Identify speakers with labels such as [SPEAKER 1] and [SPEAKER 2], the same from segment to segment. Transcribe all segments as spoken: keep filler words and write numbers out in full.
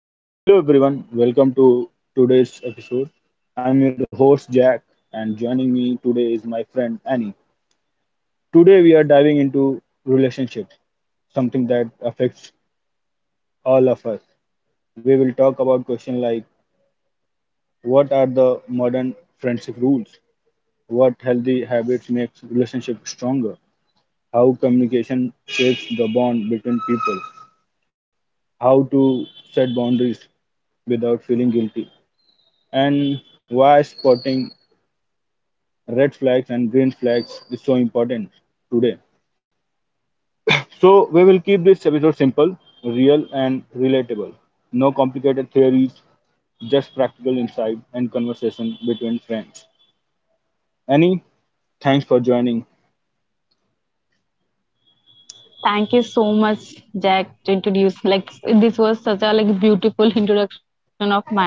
[SPEAKER 1] So, hello everyone, welcome to today's episode. I'm your host Jack, and joining me today is my friend Annie. Today, we are diving into relationships, something that affects all of us. We will talk about questions like what are the modern friendship rules? What healthy habits makes relationship stronger? How communication shapes the bond between people? How to set boundaries without feeling guilty, and why spotting red flags and green flags is so important today. So we will keep this episode simple, real and relatable. No complicated theories, just practical insight and conversation between friends. Annie, thanks for joining.
[SPEAKER 2] Thank you so much, Jack, to introduce. Like this was such a like beautiful introduction of mine.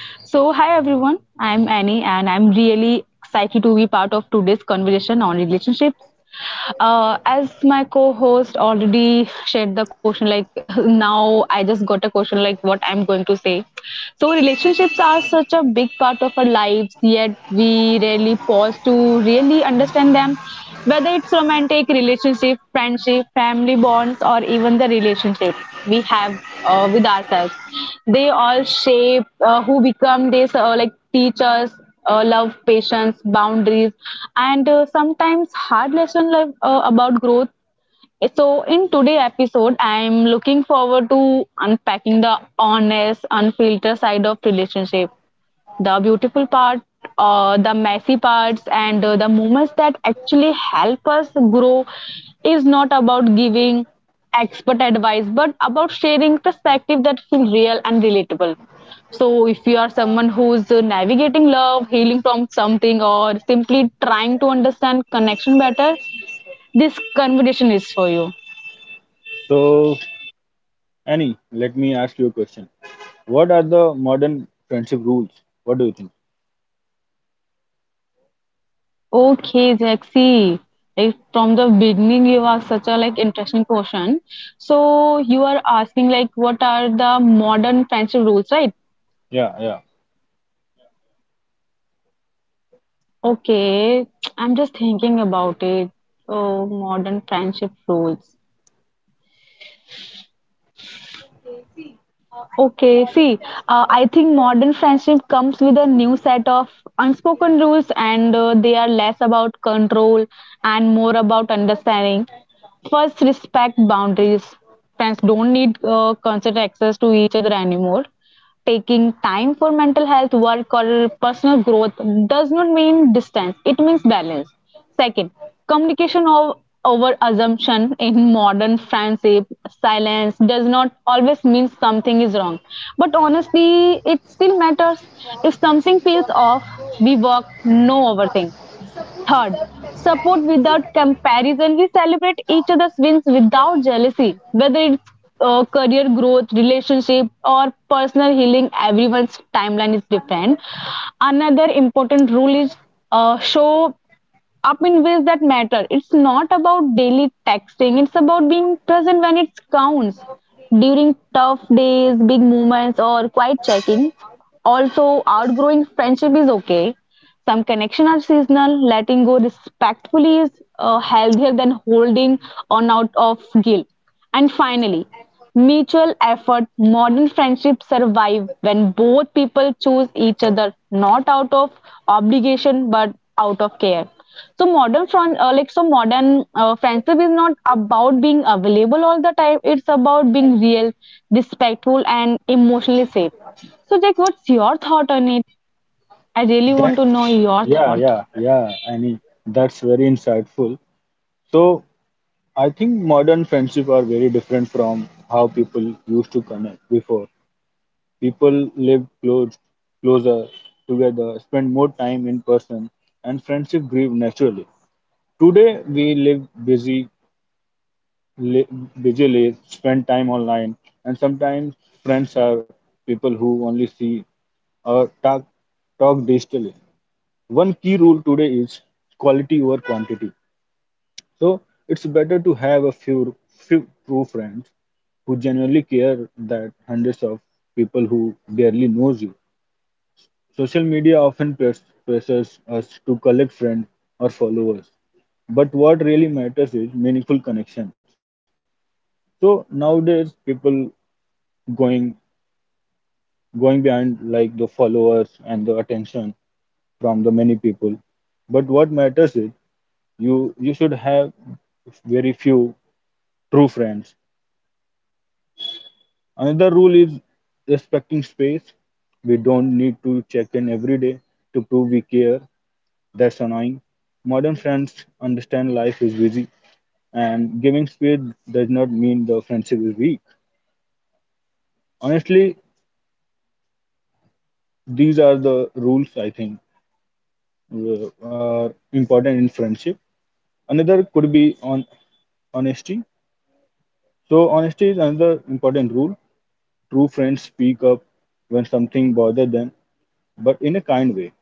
[SPEAKER 2] So hi everyone, I'm Annie, and I'm really excited to be part of today's conversation on relationships. Uh, as my co-host already shared the question, like now I just got a question like what I'm going to say. So relationships are such a big part part of our lives, yet we rarely pause to really understand them. Whether it's romantic, relationship, friendship, family bonds, or even the relationship we have uh, with ourselves, they all shape uh, who become. They uh, like teach us uh, love, patience, boundaries, and uh, sometimes hard lesson like, uh, about growth. So, in today's episode, I'm looking forward to unpacking the honest, unfiltered side of relationship, the beautiful part, uh, the messy parts, and uh, the moments that actually help us grow. Is not about giving expert advice but about sharing perspective that feel real and relatable. So if you are someone who's uh, navigating love, healing from something, or simply trying to understand connection better, this conversation is for you.
[SPEAKER 1] So Annie, let me ask you a question. What are the modern friendship rules? What do you think?
[SPEAKER 2] Okay, Jaxi. Like from the beginning, you asked such a like interesting question. So you are asking like, what are the modern friendship rules, right?
[SPEAKER 1] Yeah, yeah.
[SPEAKER 2] Okay, I'm just thinking about it. Oh, modern friendship rules. Okay, see, uh, I think modern friendship comes with a new set of unspoken rules, and uh, they are less about control and more about understanding. First, respect boundaries. Friends don't need uh, constant access to each other anymore. Taking time for mental health, work, or personal growth does not mean distance, it means balance. Second, communication of, over assumption in modern friendship, silence does not always mean something is wrong. But honestly, it still matters. If something feels off, we work, no overthink. Third, support without comparison. We celebrate each other's wins without jealousy, whether it's uh, career growth, relationship, or personal healing. Everyone's timeline is different. Another important rule is uh, show up in ways that matter. It's not about daily texting, it's about being present when it counts, during tough days, big moments, or quiet check-ins. Also, outgrowing friendship is okay. Some connections are seasonal. Letting go respectfully is uh, healthier than holding on out of guilt. And finally, mutual effort. Modern friendships survive when both people choose each other not out of obligation but out of care. So modern friend, uh, like so modern uh, friendship is not about being available all the time. It's about being real, respectful, and emotionally safe. So, Jack, what's your thought on it? I really want to
[SPEAKER 1] That
[SPEAKER 2] know your thought.
[SPEAKER 1] yeah, yeah, yeah. I mean, that's very insightful. So, I think modern friendship are very different from how people used to connect before. People lived close, closer together, spent more time in person, and friendship grew naturally. Today we live busy, li- busy lives, spend time online, and sometimes friends are people who only see or talk talk digitally. One key rule today is quality over quantity. So it's better to have a few, few true friends who genuinely care than hundreds of people who barely knows you. Social media often press, pressures us to collect friends or followers, but what really matters is meaningful connections. So nowadays, people going going behind like the followers and the attention from the many people, but what matters is you you should have very few true friends. Another rule is respecting space. We don't need to check in every day to prove we care. That's annoying. Modern friends understand life is busy, and giving space does not mean the friendship is weak. Honestly, these are the rules I think uh, are important in friendship. Another could be on honesty. So, honesty is another important rule. True friends speak up when something bothers them, but in a kind way.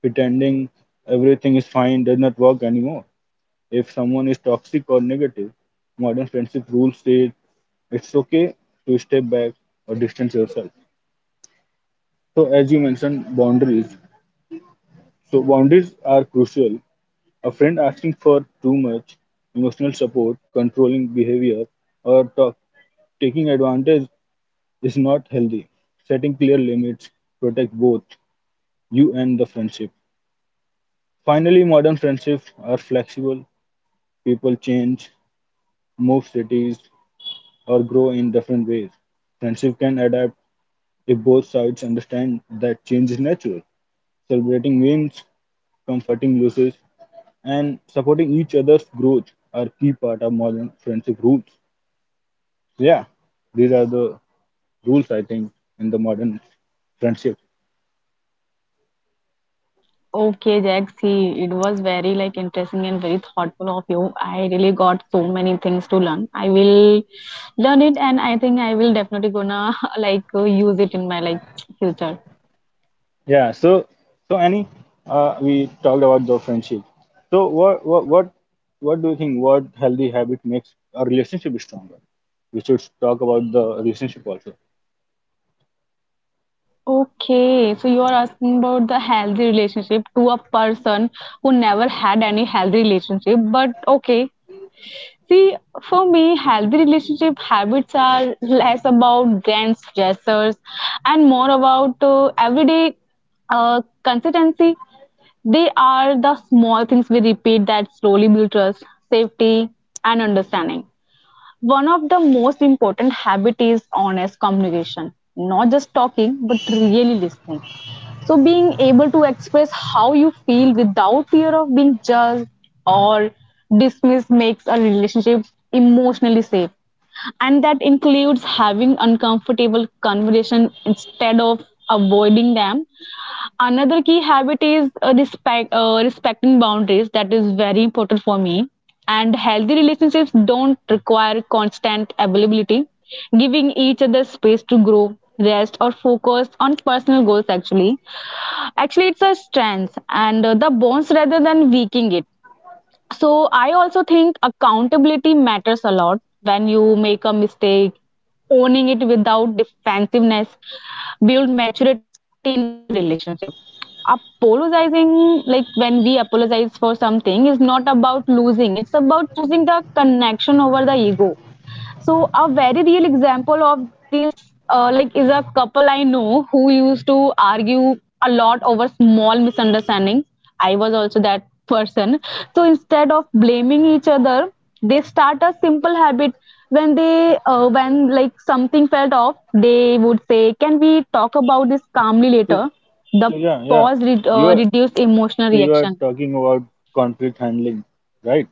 [SPEAKER 1] Pretending everything is fine does not work anymore. If someone is toxic or negative, modern friendship rules say it's okay to step back or distance yourself. So, as you mentioned, boundaries. So, boundaries are crucial. A friend asking for too much emotional support, controlling behavior, or to- taking advantage is not healthy. Setting clear limits protect both you and the friendship. Finally, modern friendships are flexible. People change, move cities, or grow in different ways. Friendship can adapt if both sides understand that change is natural. Celebrating wins, comforting losses, and supporting each other's growth are key part of modern friendship rules. Yeah, these are the rules I think in the modern friendship.
[SPEAKER 2] Okay, Jack, see, it was very like interesting and very thoughtful of you. I really got so many things to learn. I will learn it and I think I will definitely gonna like uh, use it in my like future.
[SPEAKER 1] Yeah, so so Annie, uh, we talked about the friendship. So what what what what do you think? What healthy habit makes a relationship stronger? We should talk about the relationship also.
[SPEAKER 2] Okay, so you are asking about the healthy relationship to a person who never had any healthy relationship, but okay, see, for me, healthy relationship habits are less about grand gestures and more about uh, everyday uh, consistency. They are the small things we repeat that slowly build trust, safety, and understanding. One of the most important habit is honest communication, not just talking, but really listening. So being able to express how you feel without fear of being judged or dismissed makes a relationship emotionally safe. And that includes having uncomfortable conversation instead of avoiding them. Another key habit is uh, respect, uh, respecting boundaries. That is very important for me, and healthy relationships don't require constant availability, giving each other space to grow, rest, or focus on personal goals. Actually, actually, it's a strength and uh, the bonds rather than weakening it. So I also think accountability matters a lot when you make a mistake. Owning it without defensiveness build maturity in the relationship. Apologizing, like when we apologize for something, is not about losing. It's about choosing the connection over the ego. So a very real example of this, uh, like, is a couple I know who used to argue a lot over small misunderstandings. I was also that person. So instead of blaming each other, they start a simple habit. When they, uh, when like something felt off, they would say, "Can we talk about this calmly
[SPEAKER 1] So
[SPEAKER 2] later?"
[SPEAKER 1] so
[SPEAKER 2] The
[SPEAKER 1] yeah yeah,
[SPEAKER 2] pause
[SPEAKER 1] you are
[SPEAKER 2] re- uh, reduced
[SPEAKER 1] so you
[SPEAKER 2] emotional
[SPEAKER 1] are
[SPEAKER 2] reaction.
[SPEAKER 1] talking about conflict handling, right?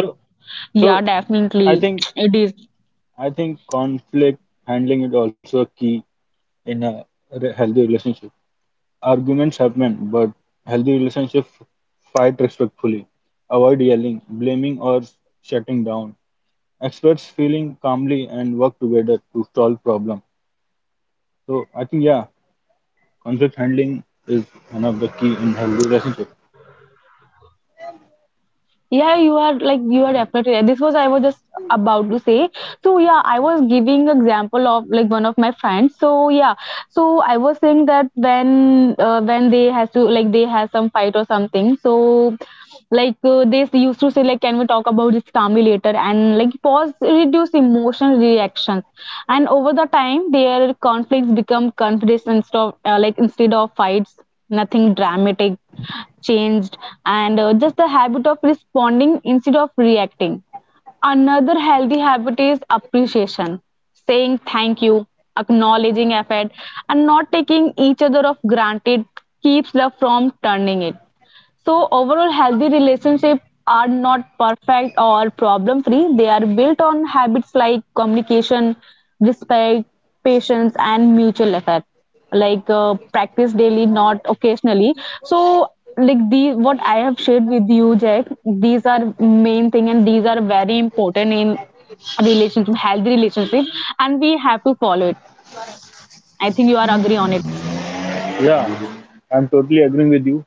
[SPEAKER 1] So so
[SPEAKER 2] Yeah,
[SPEAKER 1] I think
[SPEAKER 2] definitely, it is.
[SPEAKER 1] I think conflict handling is also a key in a re- healthy relationship. Arguments happen, but healthy relationships fight respectfully. Avoid yelling, blaming, or shutting down. Express feeling calmly and work together to solve problem. So I think yeah, conflict handling is one of the key in healthy relationship.
[SPEAKER 2] Yeah, you are like you are definitely right. This was I was just about to say. So yeah, I was giving example of like one of my friends. So yeah, so I was saying that when uh, when they has to like they has some fight or something. So like uh, they used to say like can we talk about this calmly later and like pause reduce emotional reactions, and over the time their conflicts become confidence instead of uh, like instead of fights. Nothing dramatic changed, and uh, just the habit of responding instead of reacting. Another healthy habit is appreciation, saying thank you, acknowledging effort, and not taking each other of granted keeps love from turning it. So overall healthy relationships are not perfect or problem free. They are built on habits like communication, respect, patience, and mutual effort. Like uh, practice daily, not occasionally. So like the what I have shared with you, Jack, these are main thing and these are very important in relationship, healthy relationship, and we have to follow it. I think you are agree on it.
[SPEAKER 1] Yeah, I'm totally agreeing with you.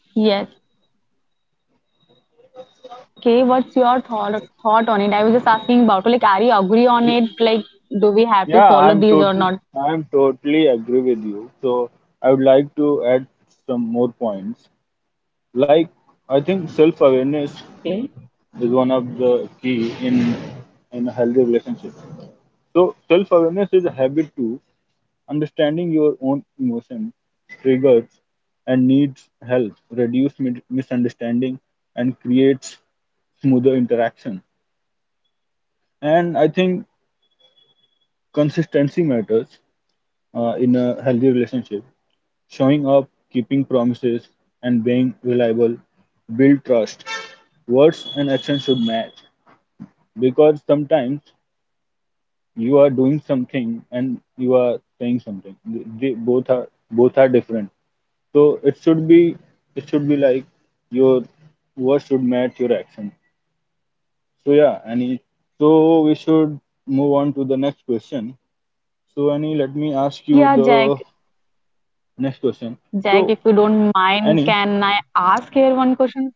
[SPEAKER 2] Yes. Okay, what's your thought thought on it? I was just asking about like are you agree on
[SPEAKER 1] Y-
[SPEAKER 2] it? Like do we have to
[SPEAKER 1] Yeah,
[SPEAKER 2] follow these
[SPEAKER 1] I'm
[SPEAKER 2] or not?
[SPEAKER 1] totally I'm totally agree with you. So I would like to add some more points. Like I think self awareness
[SPEAKER 2] Okay.
[SPEAKER 1] is one of the key in in a healthy relationship. So self-awareness is a habit too. Understanding your own emotions, triggers, and needs help reduce mid- misunderstanding and creates smoother interaction. And I think consistency matters uh, in a healthy relationship. Showing up, keeping promises, and being reliable build trust. Words and actions should match, because sometimes you are doing something and you are saying something, they, they both are both are different. So it should be, it should be like, your words should match your action. So yeah, any so we should move on to the next question. So Annie, let me ask you
[SPEAKER 2] Uh, Yeah,
[SPEAKER 1] the
[SPEAKER 2] Jack.
[SPEAKER 1] next question. So
[SPEAKER 2] Jack, if you don't mind,
[SPEAKER 1] Annie,
[SPEAKER 2] can I ask here one question?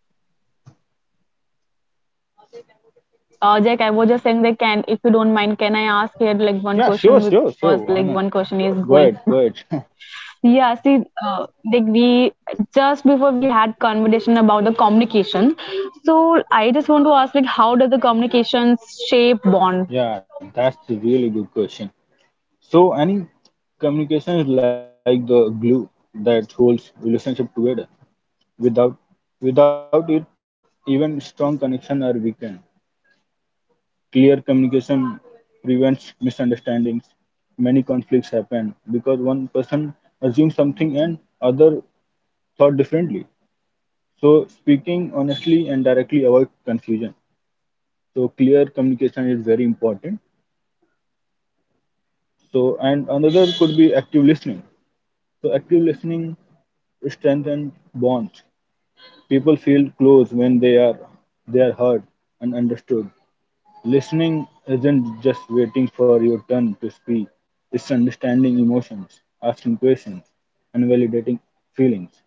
[SPEAKER 2] Uh, Jack, I was just saying that can if you don't mind, can I ask here like one
[SPEAKER 1] yeah,
[SPEAKER 2] question
[SPEAKER 1] sure sure
[SPEAKER 2] because like
[SPEAKER 1] sure why
[SPEAKER 2] one
[SPEAKER 1] not,
[SPEAKER 2] question is going.
[SPEAKER 1] go ahead, go ahead.
[SPEAKER 2] Yeah, see, uh, like we just before we had conversation about the communication. So I just want to ask like how does the communication shape bond?
[SPEAKER 1] Yeah, that's a really good question. So any communication is like the glue that holds relationship together. Without without it, even strong connection are weakened. Clear communication prevents misunderstandings. Many conflicts happen because one person assumes something and other thought differently. So speaking honestly and directly avoid confusion. So clear communication is very important. So, and another could be active listening. So active listening strengthens bonds. People feel close when they are they are heard and understood. Listening isn't just waiting for your turn to speak. It's understanding emotions, asking questions, and validating feelings.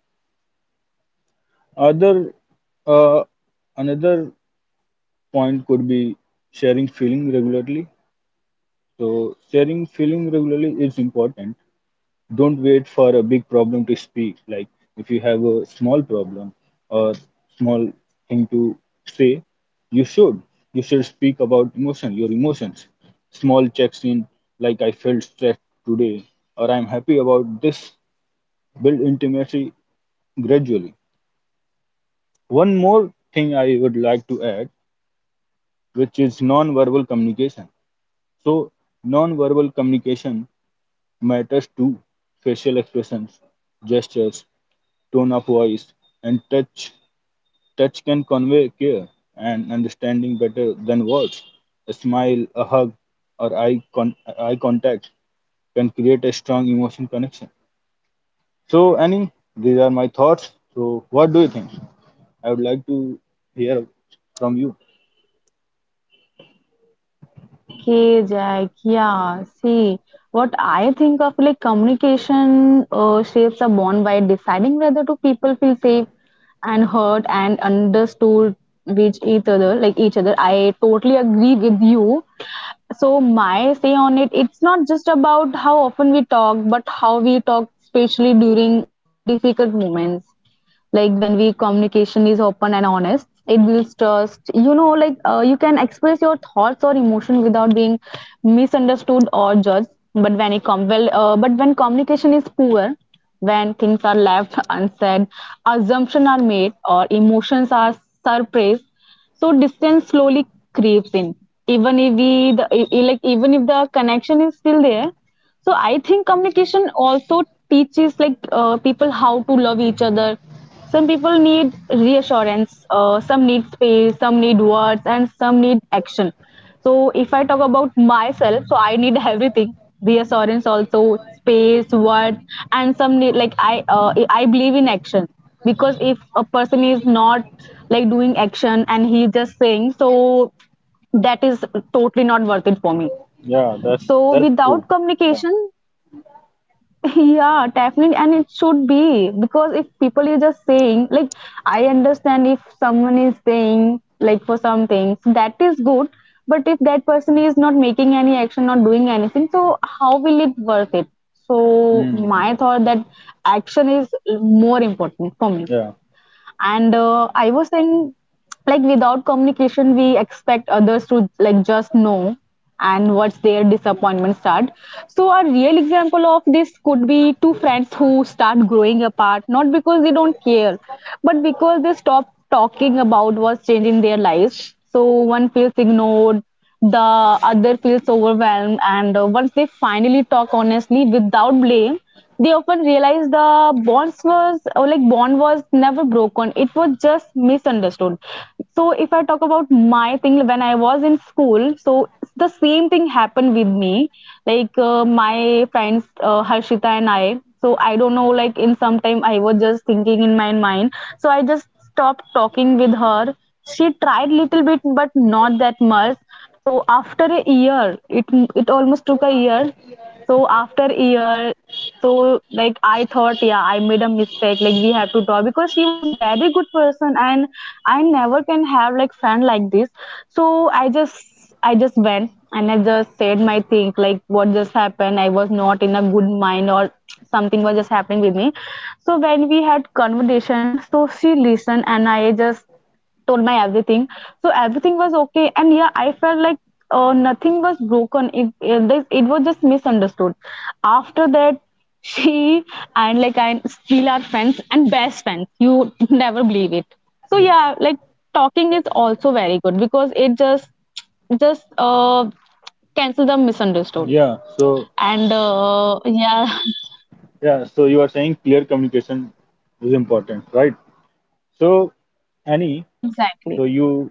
[SPEAKER 1] Other uh, Another point could be sharing feeling regularly. So sharing feeling regularly is important. Don't wait for a big problem to speak. Like if you have a small problem or small thing to say, you should you should speak about emotion your emotions. Small checks in like, I felt stressed today, or I'm happy about this, build intimacy gradually. One more thing I would like to add, which is non-verbal communication. So non-verbal communication matters too. Facial expressions, gestures, tone of voice, and touch. Touch can convey care and understanding better than words. A smile, a hug, or eye, con- eye contact can create a strong emotion connection. So, Annie, these are my thoughts. So, what do you think? I would like to hear from you.
[SPEAKER 2] Okay, Jack. Yeah. See, what I think of like communication uh, shapes a bond by deciding whether two people feel safe and heard and understood with each other, like each other. I totally agree with you. So my say on it, it's not just about how often we talk, but how we talk, especially during difficult moments. Like when we communication is open and honest, it builds trust, you know, like uh, you can express your thoughts or emotion without being misunderstood or judged. But when it com- well uh, but when communication is poor, when things are left unsaid, assumptions are made, or emotions are suppressed, so distance slowly creeps in, even if we the e- e- like even if the connection is still there. So I think communication also teaches like uh, people how to love each other. Some people need reassurance, uh, some need space, some need words, and some need action. So if I talk about myself, so I need everything, reassurance also, space, worth, and some need, like I uh, I believe in action, because if a person is not like doing action and he's just saying, so that is totally not worth it for me.
[SPEAKER 1] Yeah, that's that's
[SPEAKER 2] So
[SPEAKER 1] true.
[SPEAKER 2] without
[SPEAKER 1] Yeah.
[SPEAKER 2] communication, yeah, definitely, and it should be because if people is just saying, like, I understand if someone is saying, like, for some things, that is good, but if that person is not making any action, not doing anything, so how will it worth it? So,
[SPEAKER 1] Mm,
[SPEAKER 2] my thought that action is more important for me,
[SPEAKER 1] yeah.
[SPEAKER 2] and uh, I was saying, like without communication we expect others to like just know, and what's their disappointment start. So a real example of this could be two friends who start growing apart, not because they don't care, but because they stop talking about what's changing their lives. So one feels ignored, the other feels overwhelmed, and uh, once they finally talk honestly without blame, they often realize the bonds was or like bond was never broken. It was just misunderstood. So if I talk about my thing when I was in school, so the same thing happened with me. Like uh, my friends uh, Harshita and I. So I don't know. Like in some time, I was just thinking in my mind. So I just stopped talking with her. She tried little bit but not that much. So after a year, it it almost took a year. So after a year, so like I thought, yeah, I made a mistake, like we have to talk because she was very good person and I never can have like friend like this. So I just I just went and I just said my thing, like what just happened, I was not in a good mind or something was just happening with me. So when we had conversation, so she listened and I just told my everything. So everything was okay, and yeah, I felt like uh, nothing was broken. It, it this- it was just misunderstood. After that, she and like I still are friends and best friends. You never believe it.
[SPEAKER 1] Yeah.
[SPEAKER 2] So yeah, like talking is also very good because it just just uh cancel the misunderstood.
[SPEAKER 1] Yeah. So
[SPEAKER 2] And uh, yeah.
[SPEAKER 1] yeah. So you are saying clear communication is important, right? So, Annie, so you
[SPEAKER 2] Exactly.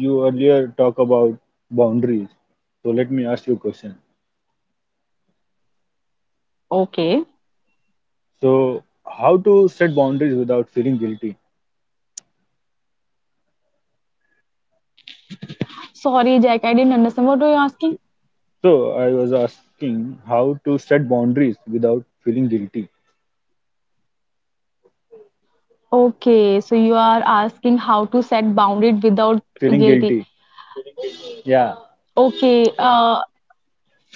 [SPEAKER 1] you earlier talk about boundaries. So let me ask you a question.
[SPEAKER 2] Okay,
[SPEAKER 1] So how to set boundaries without feeling guilty?
[SPEAKER 2] sorry Jack, I didn't understand what were you asking.
[SPEAKER 1] So I was asking how to set boundaries without feeling guilty.
[SPEAKER 2] Okay, so you are asking how to set boundaries without
[SPEAKER 1] Feeling guilty.
[SPEAKER 2] guilty.
[SPEAKER 1] Yeah.
[SPEAKER 2] Okay, uh,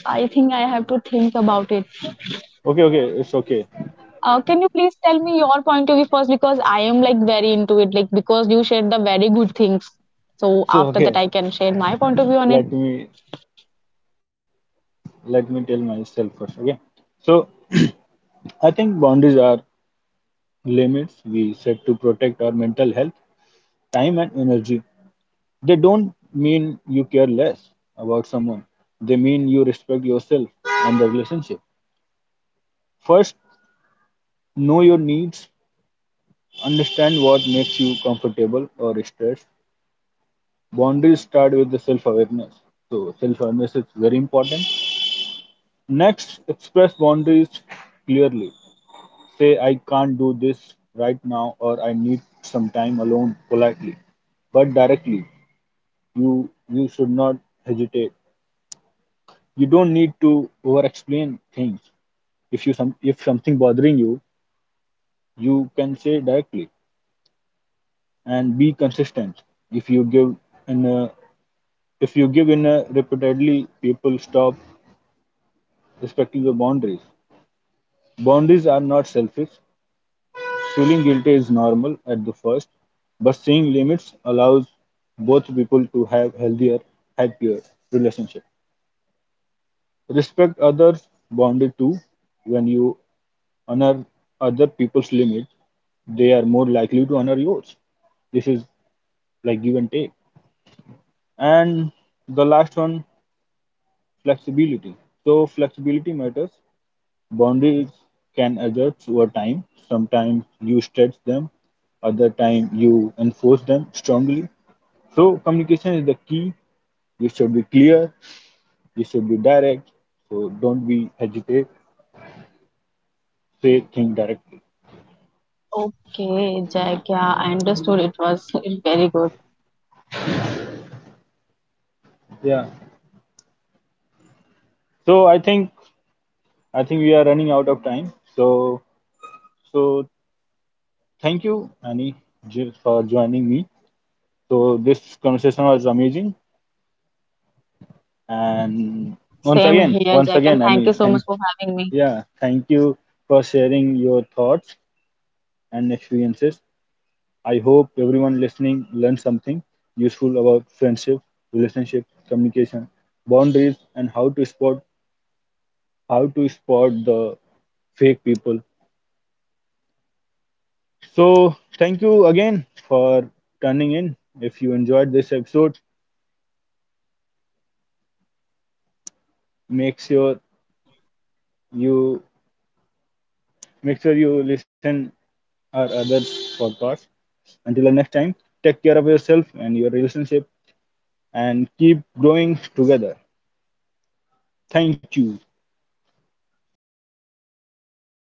[SPEAKER 2] I think I have to think about it.
[SPEAKER 1] Okay, okay, it's okay.
[SPEAKER 2] Uh, can you please tell me your point of view first because I am like very into it, like because you shared the very good things. So
[SPEAKER 1] So
[SPEAKER 2] after that, I
[SPEAKER 1] okay,
[SPEAKER 2] can share my point of view on it.
[SPEAKER 1] let me let me tell myself first, okay? So I think boundaries are limits we set to protect our mental health, time and energy. They don't mean you care less about someone. They mean you respect yourself and the relationship. First, know your needs, understand what makes you comfortable or stressed. Boundaries start with the self awareness. So, self awareness is very important. Next, express boundaries clearly. Say, I can't do this right now, or I need some time alone, politely but directly. You you should not hesitate. You don't need to over explain things. If you some, if something bothering you, you can say directly and be consistent. If you give in a, If you give in a repeatedly, people stop respecting your boundaries. Boundaries are not selfish. Feeling guilty is normal at the first, but seeing limits allows both people to have healthier, happier relationship. Respect others boundary too. When you honor other people's limits, they are more likely to honor yours. This is like give and take. And the last one, flexibility. So flexibility matters. Boundaries can adjust over time. Sometimes you stretch them, other time you enforce them strongly. So communication is the key. You should be clear. You should be direct. So don't be hesitate. Say things directly.
[SPEAKER 2] Okay, Jack, yeah, I understood. It was very good.
[SPEAKER 1] Yeah. So I think I think we are running out of time. So so thank you, Annie, for joining me. So this conversation was amazing, and once again,
[SPEAKER 2] Same
[SPEAKER 1] once
[SPEAKER 2] here,
[SPEAKER 1] again,
[SPEAKER 2] Jack,
[SPEAKER 1] Annie,
[SPEAKER 2] and thank
[SPEAKER 1] thank,
[SPEAKER 2] you so much for having
[SPEAKER 1] yeah,
[SPEAKER 2] me.
[SPEAKER 1] thank you for sharing your thoughts and experiences. I hope everyone listening learned something useful about friendship, relationship, communication, boundaries, and how to spot how to spot the fake people. So thank you again for tuning in. If you enjoyed this episode, make sure
[SPEAKER 2] Thank you, Jack.
[SPEAKER 1] you make sure you listen or others podcast. Until the next time, take care of yourself and your relationship and keep growing together. Thank you.